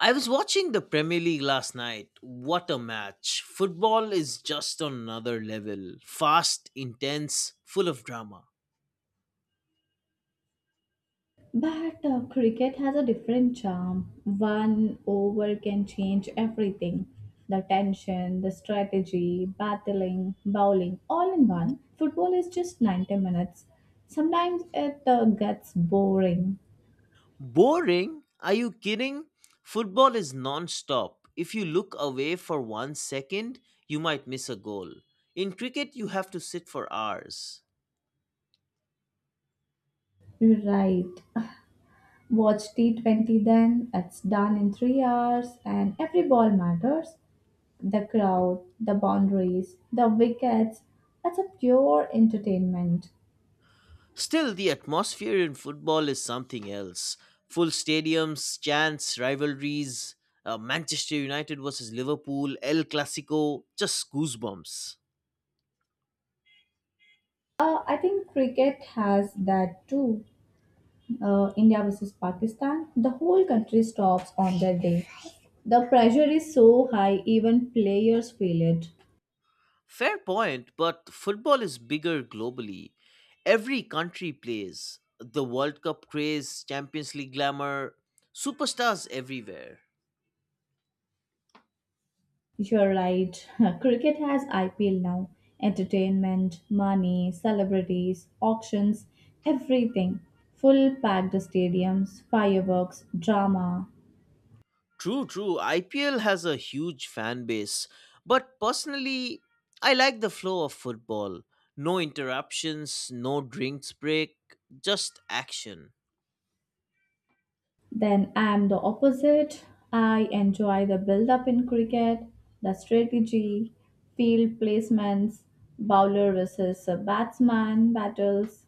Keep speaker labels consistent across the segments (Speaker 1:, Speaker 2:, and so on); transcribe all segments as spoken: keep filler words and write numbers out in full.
Speaker 1: I was watching the Premier League last night. What a match. Football is just on another level. Fast, intense, full of drama.
Speaker 2: But uh, cricket has a different charm. One over can change everything, the tension, the strategy, battling, bowling, all in one. Football is just ninety minutes. Sometimes it uh, gets boring.
Speaker 1: Boring? Are you kidding? Football is non stop. If you look away for one second, you might miss a goal. In cricket, you have to sit for hours.
Speaker 2: Right. Watch T twenty then, it's done in three hours, and every ball matters. The crowd, the boundaries, the wickets, it's a pure entertainment.
Speaker 1: Still, the atmosphere in football is something else. Full stadiums, chants, rivalries, uh, Manchester United versus Liverpool, El Clasico, just goosebumps.
Speaker 2: Uh, I think cricket has that too. Uh, India versus Pakistan, the whole country stops on that day. The pressure is so high, even players feel it.
Speaker 1: Fair point, but football is bigger globally. Every country plays. The World Cup craze, Champions League glamour, superstars everywhere.
Speaker 2: You're right. Cricket has I P L now. Entertainment, money, celebrities, auctions, everything. Full packed stadiums, fireworks, drama.
Speaker 1: True, true. I P L has a huge fan base, but personally, I like the flow of football. No interruptions, no drinks break, just action.
Speaker 2: Then I'm the opposite. I enjoy the build up in cricket, the strategy, field placements, bowler versus a batsman battles.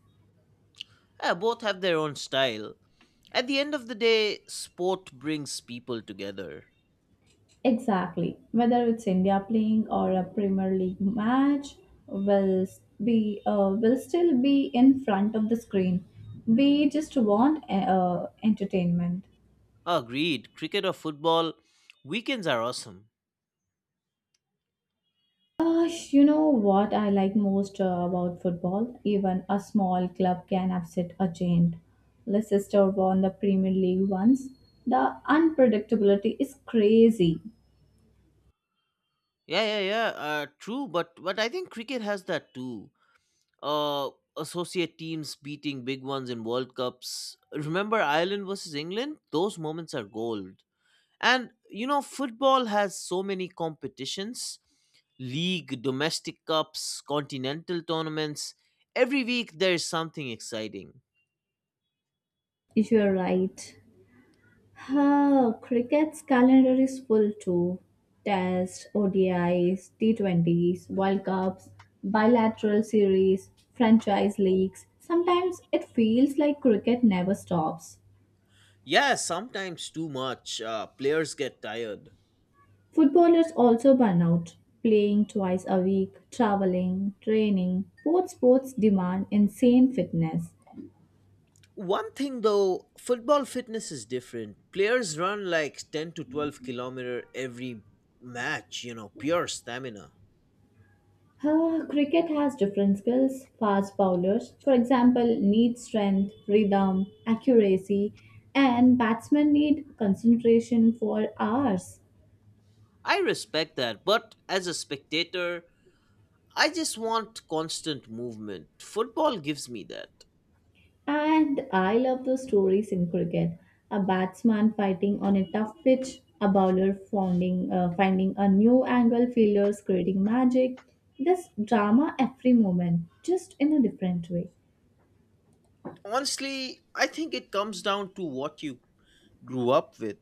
Speaker 1: Yeah, both have their own style. At the end of the day, sport brings people together.
Speaker 2: Exactly. Whether it's India playing or a Premier League match, will be uh, will still be in front of the screen. We just want uh, entertainment.
Speaker 1: Agreed. Cricket or football, weekends are awesome.
Speaker 2: Gosh, you know what I like most uh, about football? Even a small club can upset a giant. Leicester won the Premier League once. The unpredictability is crazy.
Speaker 1: Yeah, yeah, yeah. Uh, true, but but I think cricket has that too. uh, Associate teams beating big ones in World Cups. Remember Ireland versus England? Those moments are gold. And you know, football has so many competitions league, domestic cups, continental tournaments. Every week there is something exciting.
Speaker 2: You're right. Huh, cricket's calendar is full too. Tests, O D Is, T twenties, World Cups, bilateral series, franchise leagues. Sometimes it feels like cricket never stops.
Speaker 1: Yeah, sometimes too much. Uh, players get tired.
Speaker 2: Footballers also burn out, playing twice a week, traveling, training. Both sports demand insane fitness.
Speaker 1: One thing though, football fitness is different. Players run like ten to twelve kilometer every match, you know, pure stamina.
Speaker 2: Ah, cricket has different skills. Fast bowlers, for example, need strength, rhythm, accuracy, and batsmen need concentration for hours.
Speaker 1: I respect that, but as a spectator, I just want constant movement. Football gives me that.
Speaker 2: And I love those stories in cricket. A batsman fighting on a tough pitch, a bowler finding, uh, finding a new angle, fielders creating magic. This drama every moment, just in a different way.
Speaker 1: Honestly, I think it comes down to what you grew up with.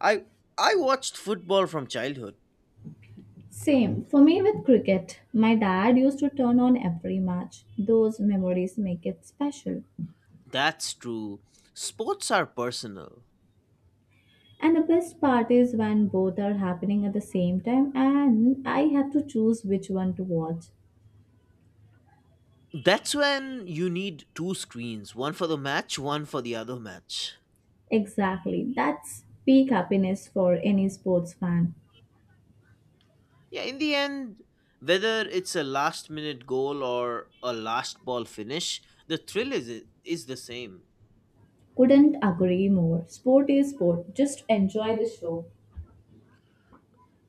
Speaker 1: I I watched football from childhood.
Speaker 2: Same for me with cricket. My dad used to turn on every match. Those memories make it special.
Speaker 1: That's true. Sports are personal.
Speaker 2: And the best part is when both are happening at the same time, and I have to choose which one to watch.
Speaker 1: That's when you need two screens, one for the match, one for the other match.
Speaker 2: Exactly. That's peak happiness for any sports fan.
Speaker 1: Yeah, in the end, whether it's a last minute goal or a last ball finish, the thrill is is the same.
Speaker 2: Couldn't agree more. Sport is sport. Just enjoy the show.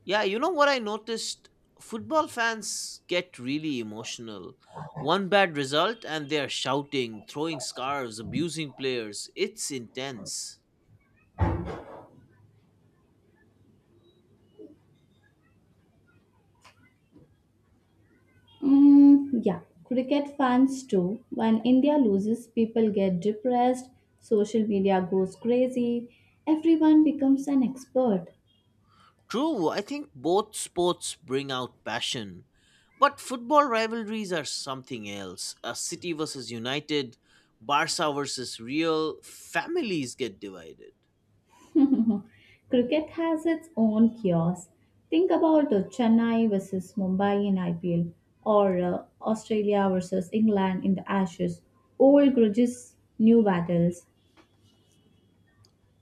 Speaker 1: Yeah, you know what I noticed? Football fans get really emotional. One bad result and they are shouting, throwing scarves, abusing players. It's intense.
Speaker 2: Mm, yeah. Cricket fans too. When India loses, people get depressed, social media goes crazy, everyone becomes an expert.
Speaker 1: True, I think both sports bring out passion. But football rivalries are something else. A City versus United, Barca versus Real, families get divided.
Speaker 2: Cricket has its own chaos. Think about the Chennai versus Mumbai in I P L or uh, Australia versus England in the Ashes. Old grudges, new battles.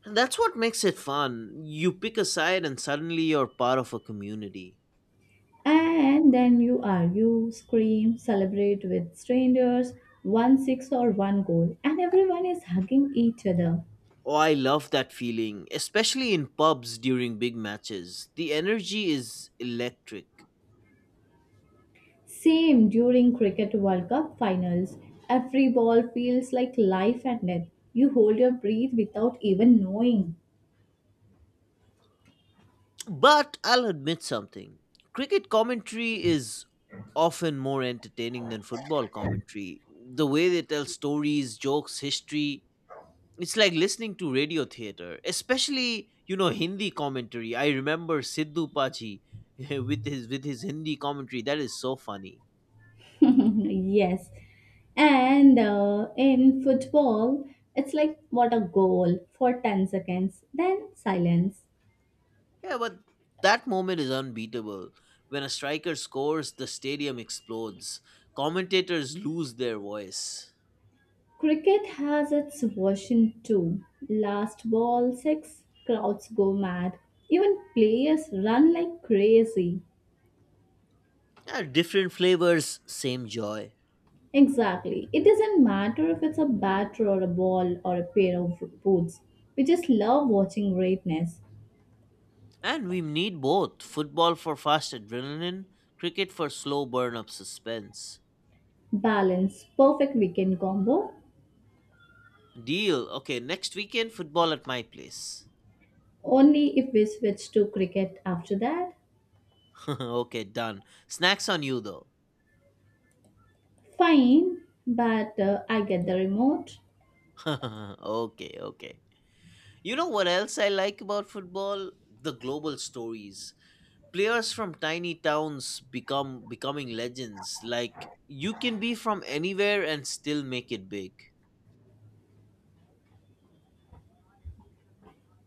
Speaker 1: And that's what makes it fun. You pick a side and suddenly you're part of a community.
Speaker 2: And then you argue, scream, celebrate with strangers, one six or one goal, and everyone is hugging each other.
Speaker 1: Oh, I love that feeling, especially in pubs during big matches. The energy is electric.
Speaker 2: Same during Cricket World Cup finals. Every ball feels like life and death. You hold your breath without even knowing.
Speaker 1: But I'll admit something cricket commentary is often more entertaining than football commentary. The way they tell stories, jokes, history, it's like listening to radio theater, especially, you know, Hindi commentary. I remember Sidhu Paji with his with his Hindi commentary. That is so funny.
Speaker 2: Yes. And uh, in football, it's like what a goal for ten seconds, then silence.
Speaker 1: Yeah, but that moment is unbeatable. When a striker scores, the stadium explodes. Commentators lose their voice.
Speaker 2: Cricket has its version too. Last ball, six, crowds go mad. Even players run like crazy.
Speaker 1: Yeah, different flavors, same joy.
Speaker 2: Exactly. It doesn't matter if it's a bat or a ball or a pair of boots. We just love watching greatness.
Speaker 1: And we need both football for fast adrenaline, cricket for slow burn up suspense.
Speaker 2: Balance, perfect weekend combo.
Speaker 1: Deal. Okay, next weekend, football at my place.
Speaker 2: Only if we switch to cricket after that.
Speaker 1: Okay, done. Snacks on you though.
Speaker 2: Fine, but uh, I get the remote.
Speaker 1: Okay, okay. You know what else I like about football? The global stories. Players from tiny towns become becoming legends. Like you can be from anywhere and still make it big.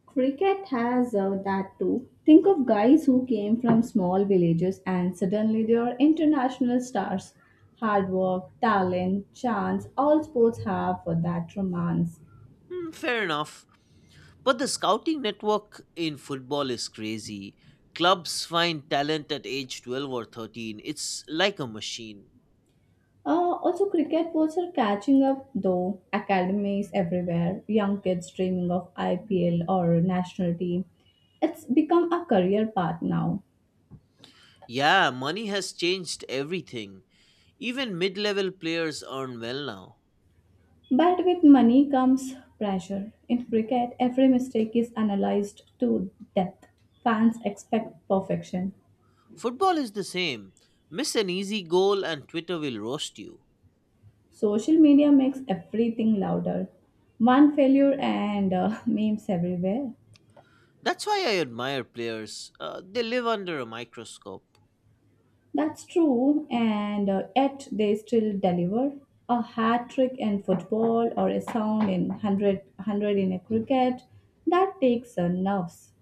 Speaker 2: Cricket has uh, that too. Think of guys who came from small villages and suddenly they are international stars. Hard work, talent, chance, all sports have for that romance.
Speaker 1: Hmm, fair enough. But the scouting network in football is crazy. Clubs find talent at age twelve or thirteen. It's like a machine.
Speaker 2: Uh, also, cricket boards are catching up though. Academies everywhere, young kids dreaming of I P L or national team. It's become a career path now.
Speaker 1: Yeah, money has changed everything. Even mid level players earn well now.
Speaker 2: But with money comes pressure. In cricket, every mistake is analysed to death. Fans expect perfection.
Speaker 1: Football is the same. Miss an easy goal and Twitter will roast you.
Speaker 2: Social media makes everything louder. One failure and uh, memes everywhere.
Speaker 1: That's why I admire players. Uh, they live under a microscope.
Speaker 2: That's true, and uh, yet they still deliver. A hat trick in football or a sound in a hundred, in a cricket, that takes uh, nerves.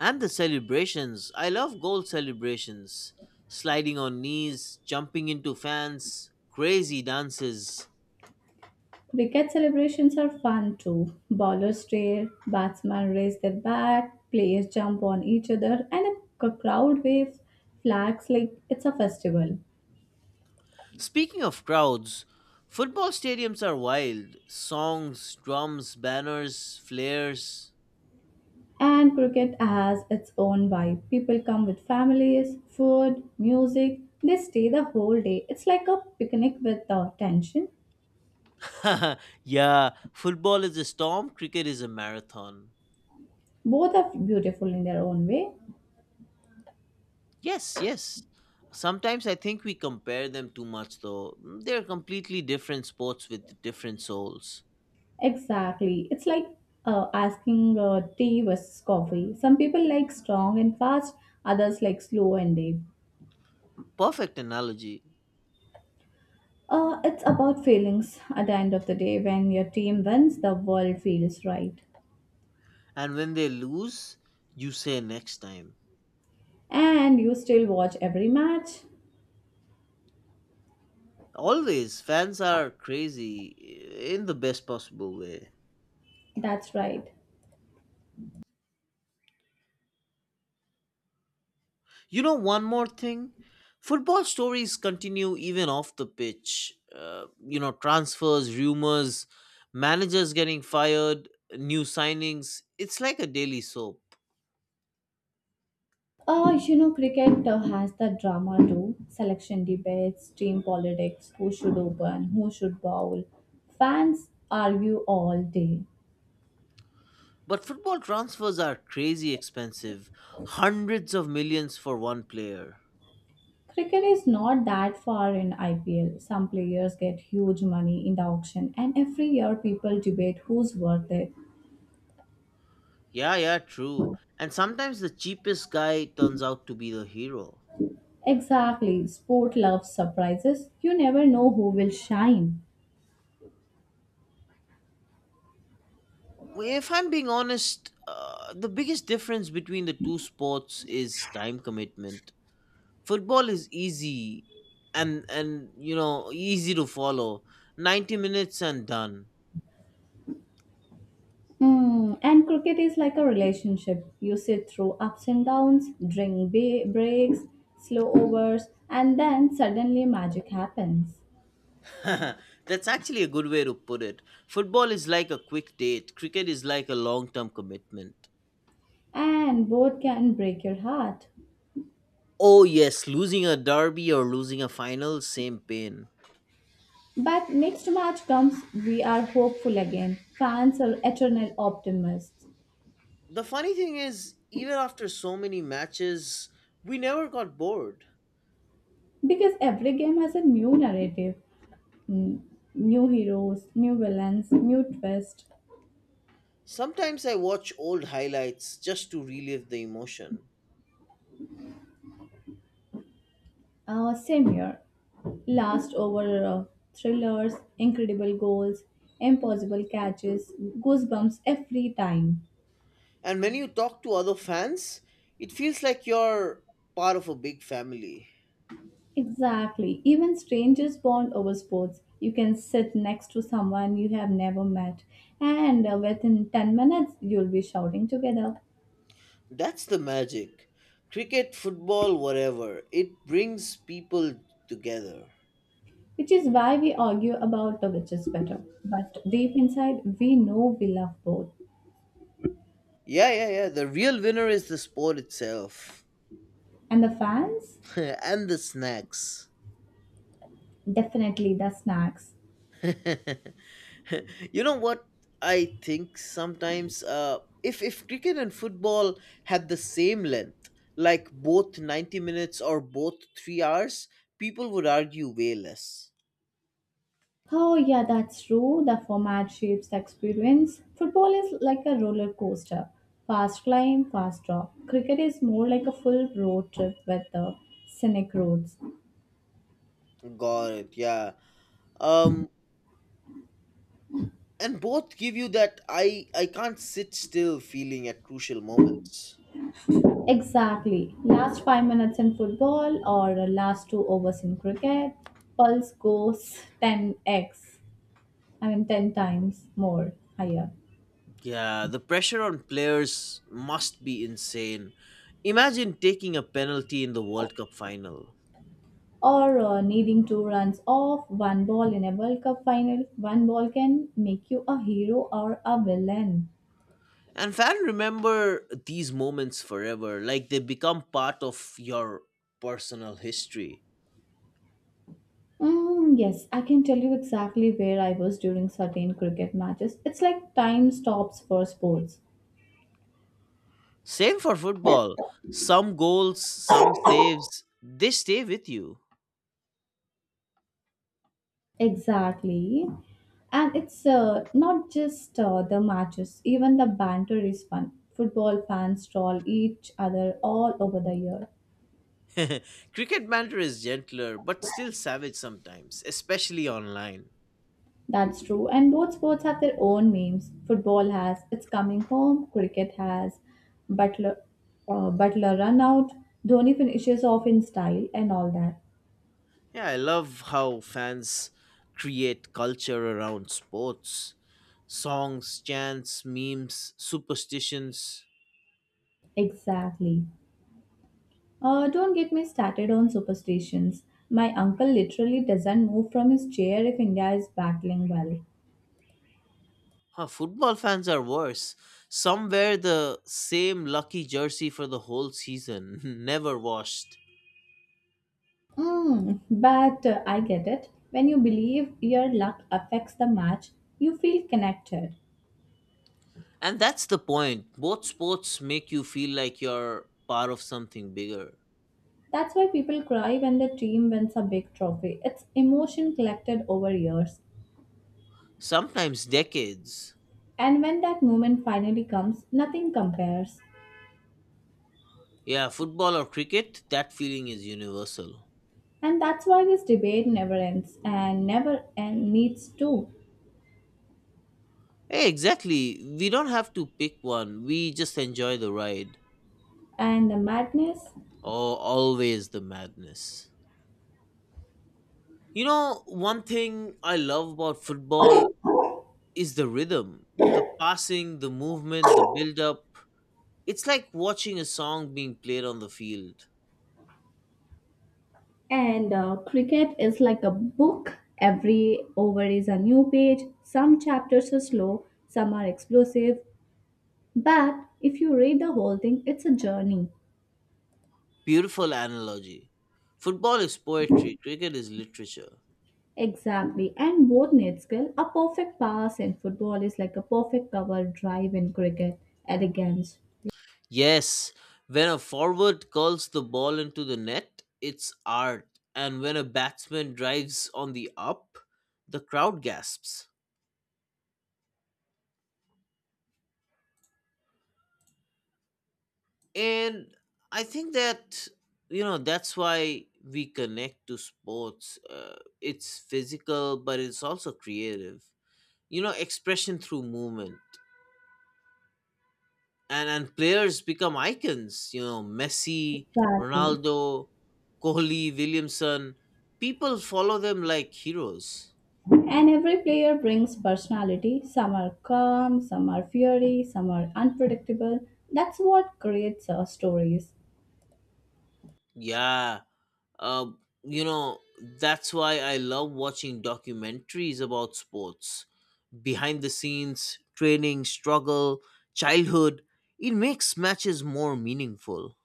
Speaker 1: And the celebrations. I love goal celebrations. Sliding on knees, jumping into fans, crazy dances.
Speaker 2: Cricket celebrations are fun too. Bowlers stare, batsmen raise their bat, players jump on each other, and a c- crowd waves flags like it's a festival.
Speaker 1: Speaking of crowds, football stadiums are wild. Songs, drums, banners, flares.
Speaker 2: And cricket has its own vibe. People come with families, food, music. They stay the whole day. It's like a picnic with uh, tension.
Speaker 1: Yeah, football is a storm, cricket is a marathon.
Speaker 2: Both are beautiful in their own way.
Speaker 1: Yes, yes. Sometimes I think we compare them too much, though. Mm, they're completely different sports with different souls.
Speaker 2: Exactly. It's like uh, asking uh, tea versus coffee. Some people like strong and fast, others like slow and deep.
Speaker 1: Perfect analogy.
Speaker 2: Uh, it's about feelings. At the end of the day, when your team wins, the world feels right.
Speaker 1: And when they lose, you say next time.
Speaker 2: And you still watch every match.
Speaker 1: Always, fans are crazy eh, in the best possible way.
Speaker 2: That's right.
Speaker 1: You know, one more thing football stories continue even off the pitch. Uh, you know, transfers, rumors, managers getting fired, new signings. It's like a daily soap.
Speaker 2: Uh, you know, cricket uh, has the drama too. Selection debates, team politics, who should open, who should bowl. Fans argue all day.
Speaker 1: But football transfers are crazy expensive. Hundreds of millions for one player.
Speaker 2: Cricket is not that far in I P L. Some players get huge money in the auction, and every year people debate who's worth it.
Speaker 1: Yeah, yeah, true. And sometimes the cheapest guy turns out to be the hero.
Speaker 2: Exactly, sport loves surprises. You never know who will shine.
Speaker 1: Well, if I'm being honest, uh, the biggest difference between the two sports is time commitment. Football is easy and and you know, easy to follow. ninety minutes and done.
Speaker 2: Hmm, and cricket is like a relationship. You sit through ups and downs, drink ba- breaks, slow overs, and then suddenly magic happens.
Speaker 1: That's actually a good way to put it. Football is like a quick date. Cricket is like a long-term commitment.
Speaker 2: And both can break your heart.
Speaker 1: Oh yes, losing a derby or losing a final, same pain.
Speaker 2: But next match comes, we are hopeful again. Fans are eternal optimists
Speaker 1: The funny thing is, even after so many matches, we never got bored.
Speaker 2: because every game has a new narrative, mm, new heroes, new villains, new twist.
Speaker 1: Sometimes I watch old highlights just to relive the emotion.
Speaker 2: Uh, same year, last over uh, thrillers, incredible goals, impossible catches, goosebumps every time.
Speaker 1: And when you talk to other fans, it feels like you're part of a big family.
Speaker 2: Exactly. Even strangers bond over sports. You can sit next to someone you have never met, and uh, within ten minutes, you'll be shouting together.
Speaker 1: That's the magic. Cricket, football, whatever, it brings people together.
Speaker 2: Which is why we argue about uh, which is better. But deep inside, we know we love both.
Speaker 1: Yeah, yeah, yeah. The real winner is the sport itself.
Speaker 2: And the fans?
Speaker 1: And the snacks.
Speaker 2: Definitely the snacks.
Speaker 1: You know what, I think sometimes uh, if if cricket and football had the same length, like both ninety minutes or both three hours, people would argue way less.
Speaker 2: Oh, yeah, that's true. The format shapes the experience. Football is like a roller coaster, fast climb, fast drop. Cricket is more like a full road trip with the scenic roads.
Speaker 1: Got it. Yeah. Um and both give you that I I can't sit still feeling at crucial moments.
Speaker 2: Exactly. Last five minutes in football or last two overs in cricket, pulse goes ten x, I mean ten times more higher.
Speaker 1: Yeah, the pressure on players must be insane. Imagine taking a penalty in the World Cup final.
Speaker 2: Or uh, needing two runs off one ball in a World Cup final, one ball can make you a hero or a villain.
Speaker 1: And fan remember these moments forever, like they become part of your personal history.
Speaker 2: Mm, yes, I can tell you exactly where I was during certain cricket matches. It's like time stops for sports.
Speaker 1: Same for football. Some goals, some saves, they stay with you.
Speaker 2: Exactly. And it's uh, not just uh, the matches, even the banter is fun. Football fans troll each other all over the year.
Speaker 1: Cricket banter is gentler, but still savage sometimes, especially online.
Speaker 2: That's true. And both sports have their own memes. Football has it's coming home, cricket has Butler, uh, Butler run out, Dhoni finishes off in style, and all that.
Speaker 1: Yeah, I love how fans create culture around sports. Songs, chants, memes, superstitions.
Speaker 2: Exactly. Uh, don't get me started on superstitions. My uncle literally doesn't move from his chair if India is battling well.
Speaker 1: Huh, football fans are worse. Some wear the same lucky jersey for the whole season, never washed.
Speaker 2: Mm, but uh, I get it. When you believe your luck affects the match, you feel connected.
Speaker 1: And that's the point. Both sports make you feel like you're part of something bigger,
Speaker 2: That's why people cry when the team wins a big trophy. It's emotion collected over years.
Speaker 1: sometimes decades.
Speaker 2: And when that moment finally comes, nothing compares.
Speaker 1: Yeah, football or cricket, that feeling is universal.
Speaker 2: And that's why this debate never ends and never end needs to.
Speaker 1: Hey, exactly. We don't have to pick one, we just enjoy the ride.
Speaker 2: And the madness
Speaker 1: Oh, always the madness. You know, one thing I love about football is the rhythm, the passing, the movement, the build up. It's like watching a song being played on the field.
Speaker 2: and uh, cricket is like a book. Every over is a new page. Some chapters are slow, some are explosive, but if you read the whole thing, it's a journey.
Speaker 1: Beautiful analogy. Football is poetry, cricket is literature.
Speaker 2: Exactly. And both need skill. A perfect pass in football is like a perfect cover drive in cricket. Elegance.
Speaker 1: Yes, when a forward curls the ball into the net, it's art. And when a batsman drives on the up, the crowd gasps. And I think that, you know, that's why we connect to sports. Uh, it's physical but it's also creative, you know, expression through movement. And and players become icons, you know, Messi,
Speaker 2: Exactly.
Speaker 1: Ronaldo, Kohli, Williamson, people follow them like heroes.
Speaker 2: And every player brings personality. Some are calm, some are fiery, some are unpredictable. That's what creates our stories.
Speaker 1: Yeah. uh, you know, that's why I love watching documentaries about sports, behind the scenes, training, struggle, childhood. It makes matches more meaningful.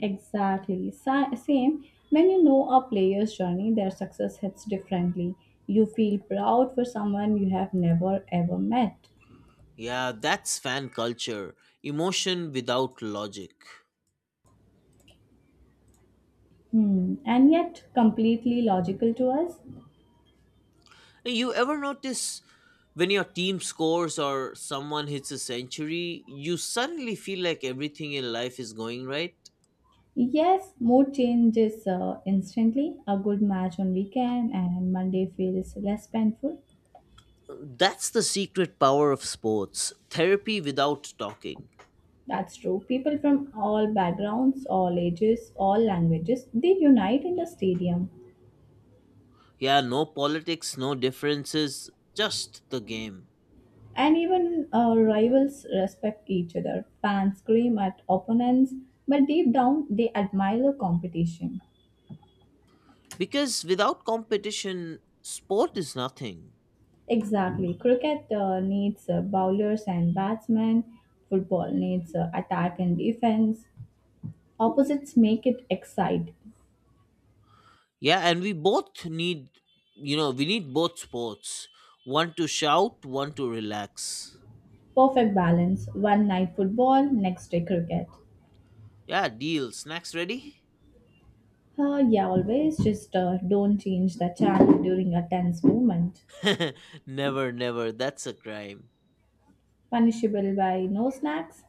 Speaker 2: Exactly. Sa- Same. When you know a player's journey, their success hits differently. You feel proud for someone you have never ever met.
Speaker 1: Yeah, that's fan culture. Emotion without logic.
Speaker 2: Hmm, and yet completely logical to us.
Speaker 1: You ever notice when your team scores or someone hits a century, you suddenly feel like everything in life is going right?
Speaker 2: Yes, mood changes uh, instantly. A good match on weekend and Monday feels less painful.
Speaker 1: That's the secret power of sports, therapy without talking.
Speaker 2: That's true. People from all backgrounds, all ages, all languages, they unite in the stadium.
Speaker 1: Yeah, no politics, no differences, just the game.
Speaker 2: And even uh, rivals respect each other. Fans scream at opponents, but deep down they admire the competition.
Speaker 1: Because without competition sport is nothing.
Speaker 2: Exactly. Cricket uh, needs uh, bowlers and batsmen. Football needs uh, attack and defense. Opposites make it excite.
Speaker 1: Yeah, and we both need, you know, we need both sports, one to shout, one to relax.
Speaker 2: Perfect balance. One night football, next day cricket.
Speaker 1: Yeah, deal, snacks ready.
Speaker 2: Uh, yeah, always, just uh, don't change the channel during a tense moment.
Speaker 1: Never, never, that's a crime.
Speaker 2: Punishable by no snacks?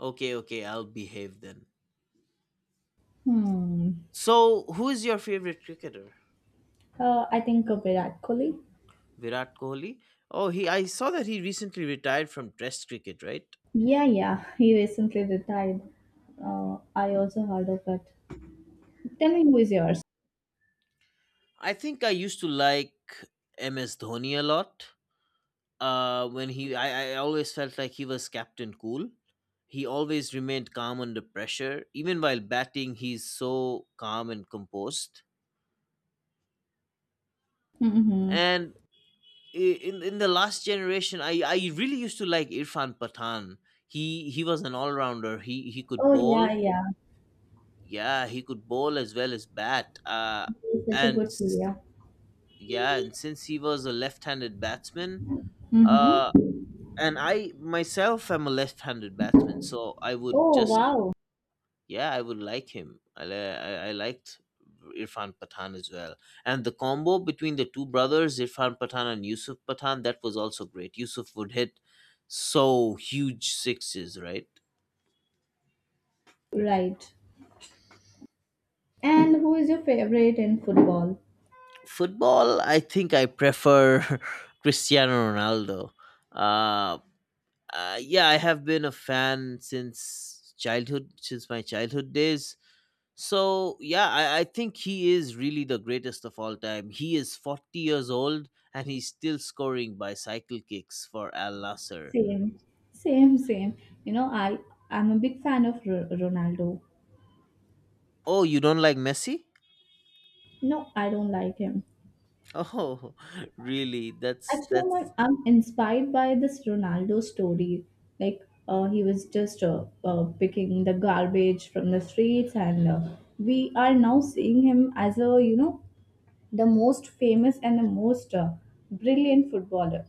Speaker 1: Okay, okay, I'll behave then.
Speaker 2: Hmm.
Speaker 1: So who is your favorite cricketer?
Speaker 2: Uh, I think of Virat Kohli.
Speaker 1: Virat Kohli. Oh, he, I saw that he recently retired from test cricket, right?
Speaker 2: Yeah, yeah. He recently retired. Uh, I also heard of it. Tell me who is yours.
Speaker 1: I think I used to like MS Dhoni a lot. Uh, when he, I, I always felt like he was captain cool. He always remained calm under pressure, even while batting he's so calm and composed.
Speaker 2: Mm-hmm.
Speaker 1: And i- in in the last generation i i really used to like Irfan Pathan. He he was an all-rounder, he he could
Speaker 2: Oh
Speaker 1: bowl.
Speaker 2: yeah, yeah.
Speaker 1: Yeah, he could bowl as well as bat. uh
Speaker 2: He's such a
Speaker 1: and
Speaker 2: good
Speaker 1: s-
Speaker 2: player.
Speaker 1: yeah, and since he was a left-handed batsman, uh
Speaker 2: Mm-hmm.
Speaker 1: and I myself am a left-handed batsman, so I would
Speaker 2: Oh
Speaker 1: just,
Speaker 2: wow.
Speaker 1: yeah, I would like him. I, li- I, I liked Irfan Pathan as well. And the combo between the two brothers, Irfan Pathan and Yusuf Pathan, that was also great. Yusuf would hit so huge sixes, right?
Speaker 2: Right. And who is your favorite in football?
Speaker 1: Football, I think I prefer Cristiano Ronaldo. Uh, uh, yeah, I have been a fan since childhood, since my childhood days. So yeah, I, I think he is really the greatest of all time. He is forty years old and he's still scoring by cycle kicks for Al Nasser.
Speaker 2: Same, same, same. You know, I I'm a big fan of R- Ronaldo.
Speaker 1: Oh, you don't like Messi?
Speaker 2: No, I don't like him.
Speaker 1: Oh, really? That's
Speaker 2: Actually, I'm,
Speaker 1: that's
Speaker 2: not- I'm inspired by this Ronaldo story. Like, uh, he was just uh, uh, picking the garbage from the streets, and uh, we are now seeing him as, a you know, the most famous and the most uh, brilliant footballer.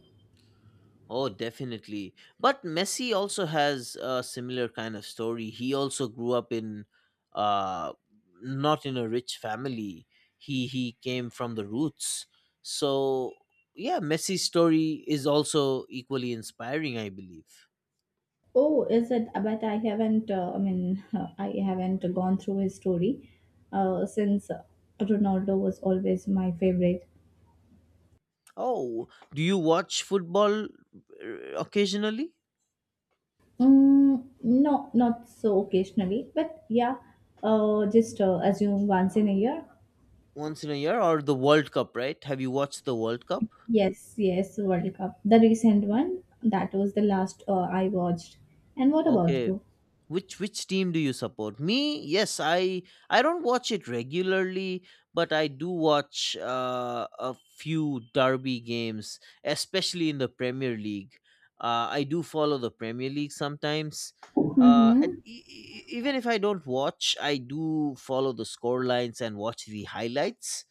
Speaker 1: oh, definitely. But Messi also has a similar kind of story. He also grew up in, uh, not in a rich family. He he came from the roots. So yeah, Messi's story is also equally inspiring, I believe.
Speaker 2: Oh, is it? Uh, But I haven't. Uh, I mean, I haven't gone through his story uh, since uh, Ronaldo was always my favorite.
Speaker 1: Oh, do you watch football uh, occasionally,
Speaker 2: Mm, no, not so occasionally, but yeah. Uh, just uh, assume once in a year.
Speaker 1: once in a year, or the World Cup? Right? Have you watched the World Cup?
Speaker 2: Yes, yes, World Cup. The recent one. That was the last uh, I watched. And what about
Speaker 1: Okay,
Speaker 2: you?
Speaker 1: Which which team do you support? Me? Yes, I I don't watch it regularly, but I do watch uh, a few derby games, especially in the Premier League. Uh, I do follow the Premier League sometimes. Uh, and
Speaker 2: Mm-hmm.
Speaker 1: e- e- e, even if I don't watch, I do follow the score lines and watch the highlights.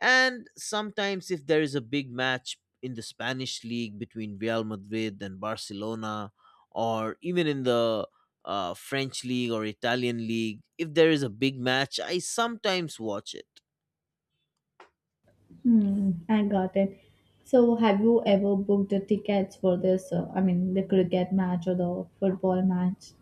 Speaker 1: And sometimes, if there is a big match in the Spanish league between Real Madrid and Barcelona, or even in the uh, French league or Italian league, if there is a big match, I sometimes watch it.
Speaker 2: Hmm, I got it. So, have you ever booked the tickets for this? Uh, I mean, the cricket match or the football match?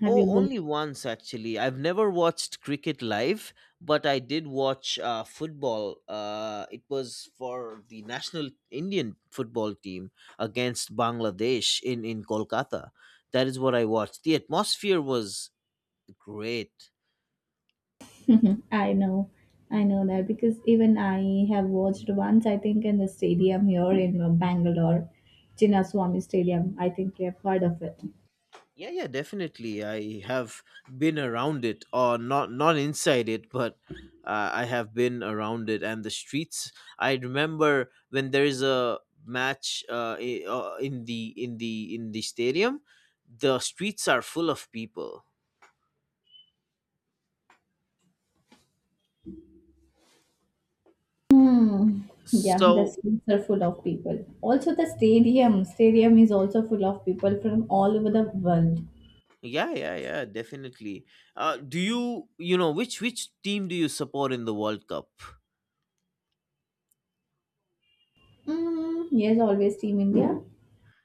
Speaker 2: Have
Speaker 1: Oh,
Speaker 2: you booked?
Speaker 1: only once actually. I've never watched cricket live, but I did watch uh, football. Uh, it was for the national Indian football team against Bangladesh in, in Kolkata. That is what I watched. The atmosphere was great.
Speaker 2: I know, I know that because even I have watched once, I think, in the stadium here in uh, Bangalore, Chinnaswamy Stadium. I think you have heard of it.
Speaker 1: Yeah, yeah, definitely. I have been around it, or not, not inside it, but uh, I have been around it and the streets. I remember when there is a match uh, i- uh, in the in the in the stadium, the streets are full of people.
Speaker 2: Hmm. Yeah, the
Speaker 1: So
Speaker 2: streets are full of people. Also, the stadium. Stadium is also full of people from all over the world.
Speaker 1: yeah, yeah, yeah, definitely. Uh, do you you know which which team do you support in the World Cup?
Speaker 2: Mm, yes, always Team India.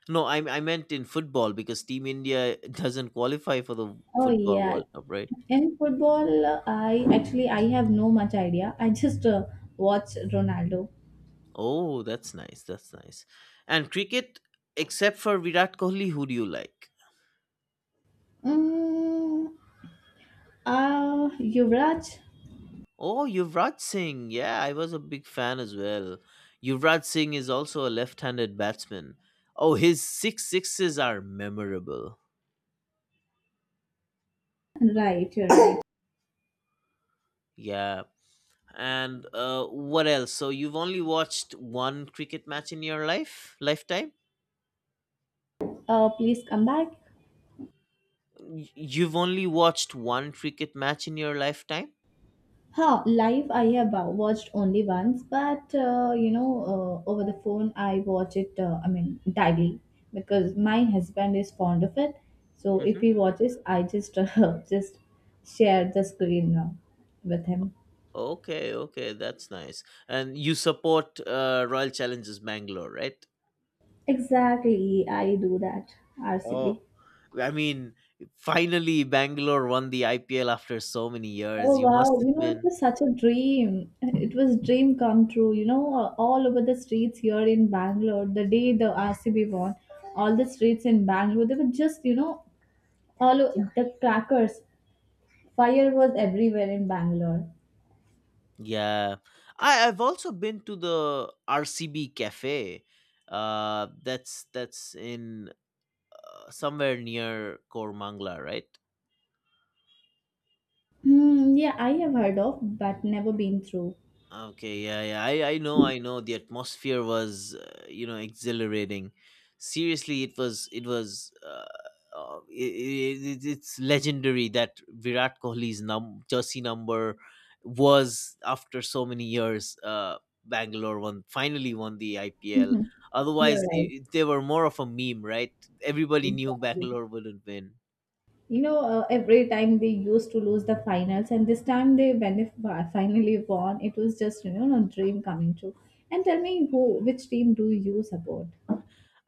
Speaker 1: No, I I meant in football because Team India doesn't qualify for the
Speaker 2: Oh
Speaker 1: football
Speaker 2: yeah,
Speaker 1: World Cup, right?
Speaker 2: in football, uh, I actually I have no much idea. I just uh, watch Ronaldo.
Speaker 1: Oh, that's nice. That's nice. And cricket, except for Virat Kohli, who do you like?
Speaker 2: Mm, uh, Yuvraj,
Speaker 1: Oh, Yuvraj Singh. Yeah, I was a big fan as well. Yuvraj Singh is also a left-handed batsman. Oh, his six sixes are memorable.
Speaker 2: right? You're right.
Speaker 1: Yeah. And uh, what else? So you've only watched one cricket match in your life, lifetime?
Speaker 2: Uh, please come back.
Speaker 1: Y- You've only watched one cricket match in your lifetime?
Speaker 2: Huh, live I have uh, watched only once, but uh, you know, uh, over the phone I watch it. Uh, I mean, daily because my husband is fond of it. So if he
Speaker 1: Hmm.
Speaker 2: watches, I just uh, just share the screen uh, with him.
Speaker 1: Okay, okay, that's nice. And you support uh, Royal Challengers Bangalore, right?
Speaker 2: Exactly, I do that.
Speaker 1: Oh,
Speaker 2: R C B.
Speaker 1: I mean, finally Bangalore won the I P L after so many years.
Speaker 2: Oh
Speaker 1: You must
Speaker 2: wow, you
Speaker 1: have
Speaker 2: know, it
Speaker 1: been.
Speaker 2: was such a dream. It was dream come true. You know, uh, all over the streets here in Bangalore, the day the R C B won, all the streets in Bangalore, they were just, you know, all o- the crackers. Fire was everywhere in Bangalore.
Speaker 1: Yeah. I, I've also been to the R C B Cafe. Uh, that's that's in uh, somewhere near Kormangla, right?
Speaker 2: Hmm, yeah, I have heard of, but never been through.
Speaker 1: Okay, yeah, yeah. I, I know, I know. The atmosphere was, uh, you know, exhilarating. Seriously, it was, it was, uh, uh, it, it, it's legendary that Virat Kohli's num- jersey number was, after so many years, uh, Bangalore won, finally won the I P L.
Speaker 2: Mhm. You're
Speaker 1: Otherwise, i i- they were more of a meme, right? Everybody knew
Speaker 2: right.
Speaker 1: Bangalore wouldn't win.
Speaker 2: You know uh, every time they used to lose the finals, and this time they, when they fi- finally won, it was just, you know, a dream coming true. And tell me who, which team do you support?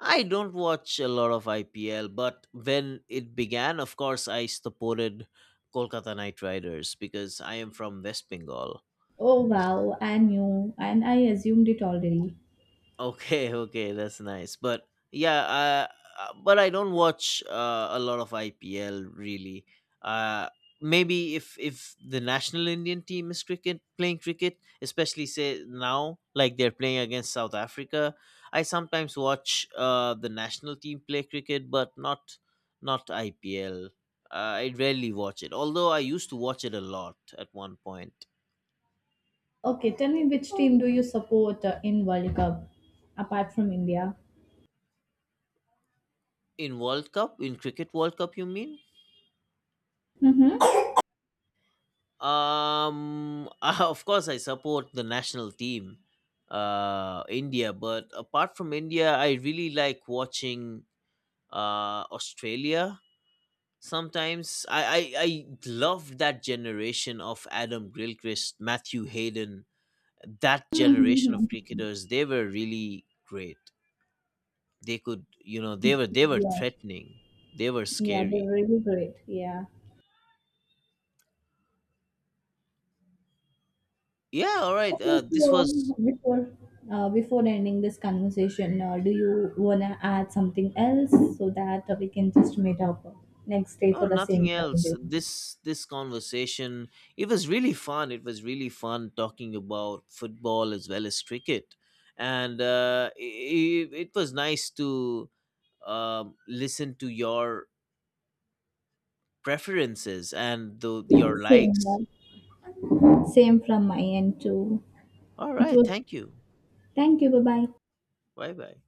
Speaker 1: I don't watch a lot of I P L, but when it began, of course, I supported Kolkata Knight Riders because I am from West Bengal.
Speaker 2: Oh wow, I knew, and I assumed it already.
Speaker 1: Okay, okay, that's nice. But yeah, uh, uh, but I don't watch uh, a lot of I P L really. Uh, Maybe if if the national Indian team is cricket playing cricket, especially say now, like they're playing against South Africa, I sometimes watch uh, the national team play cricket, but not not I P L. Uh, I rarely watch it, although I used to watch it a lot at one point.
Speaker 2: Okay, tell me which team do you support uh, in World Cup, apart from India.
Speaker 1: In World Cup, in Cricket World Cup, you mean?
Speaker 2: Mm-hmm.
Speaker 1: Um, of course, I support the national team, uh, India. But apart from India, I really like watching uh, Australia. Sometimes I, I I love that generation of Adam Gilchrist, Matthew Hayden. That generation
Speaker 2: Mm-hmm.
Speaker 1: of cricketers, they were really great. They could, you know, they were they were
Speaker 2: Yeah.
Speaker 1: threatening. They were
Speaker 2: Yeah, they're
Speaker 1: scary.
Speaker 2: really great, yeah.
Speaker 1: Yeah. All right.
Speaker 2: Okay,
Speaker 1: Uh, this
Speaker 2: so
Speaker 1: was
Speaker 2: before uh, before ending this conversation, uh, do you wanna add something else so that uh, we can just meet up next day
Speaker 1: Oh,
Speaker 2: for the
Speaker 1: nothing
Speaker 2: same
Speaker 1: else.
Speaker 2: conversation?
Speaker 1: This this conversation, it was really fun. It was really fun talking about football as well as cricket, and uh, it, it was nice to um, listen to your preferences and the, your
Speaker 2: Same,
Speaker 1: likes.
Speaker 2: here. Same from my end too.
Speaker 1: All
Speaker 2: It
Speaker 1: right,
Speaker 2: was.
Speaker 1: thank you.
Speaker 2: Thank you. Bye bye.
Speaker 1: Bye bye.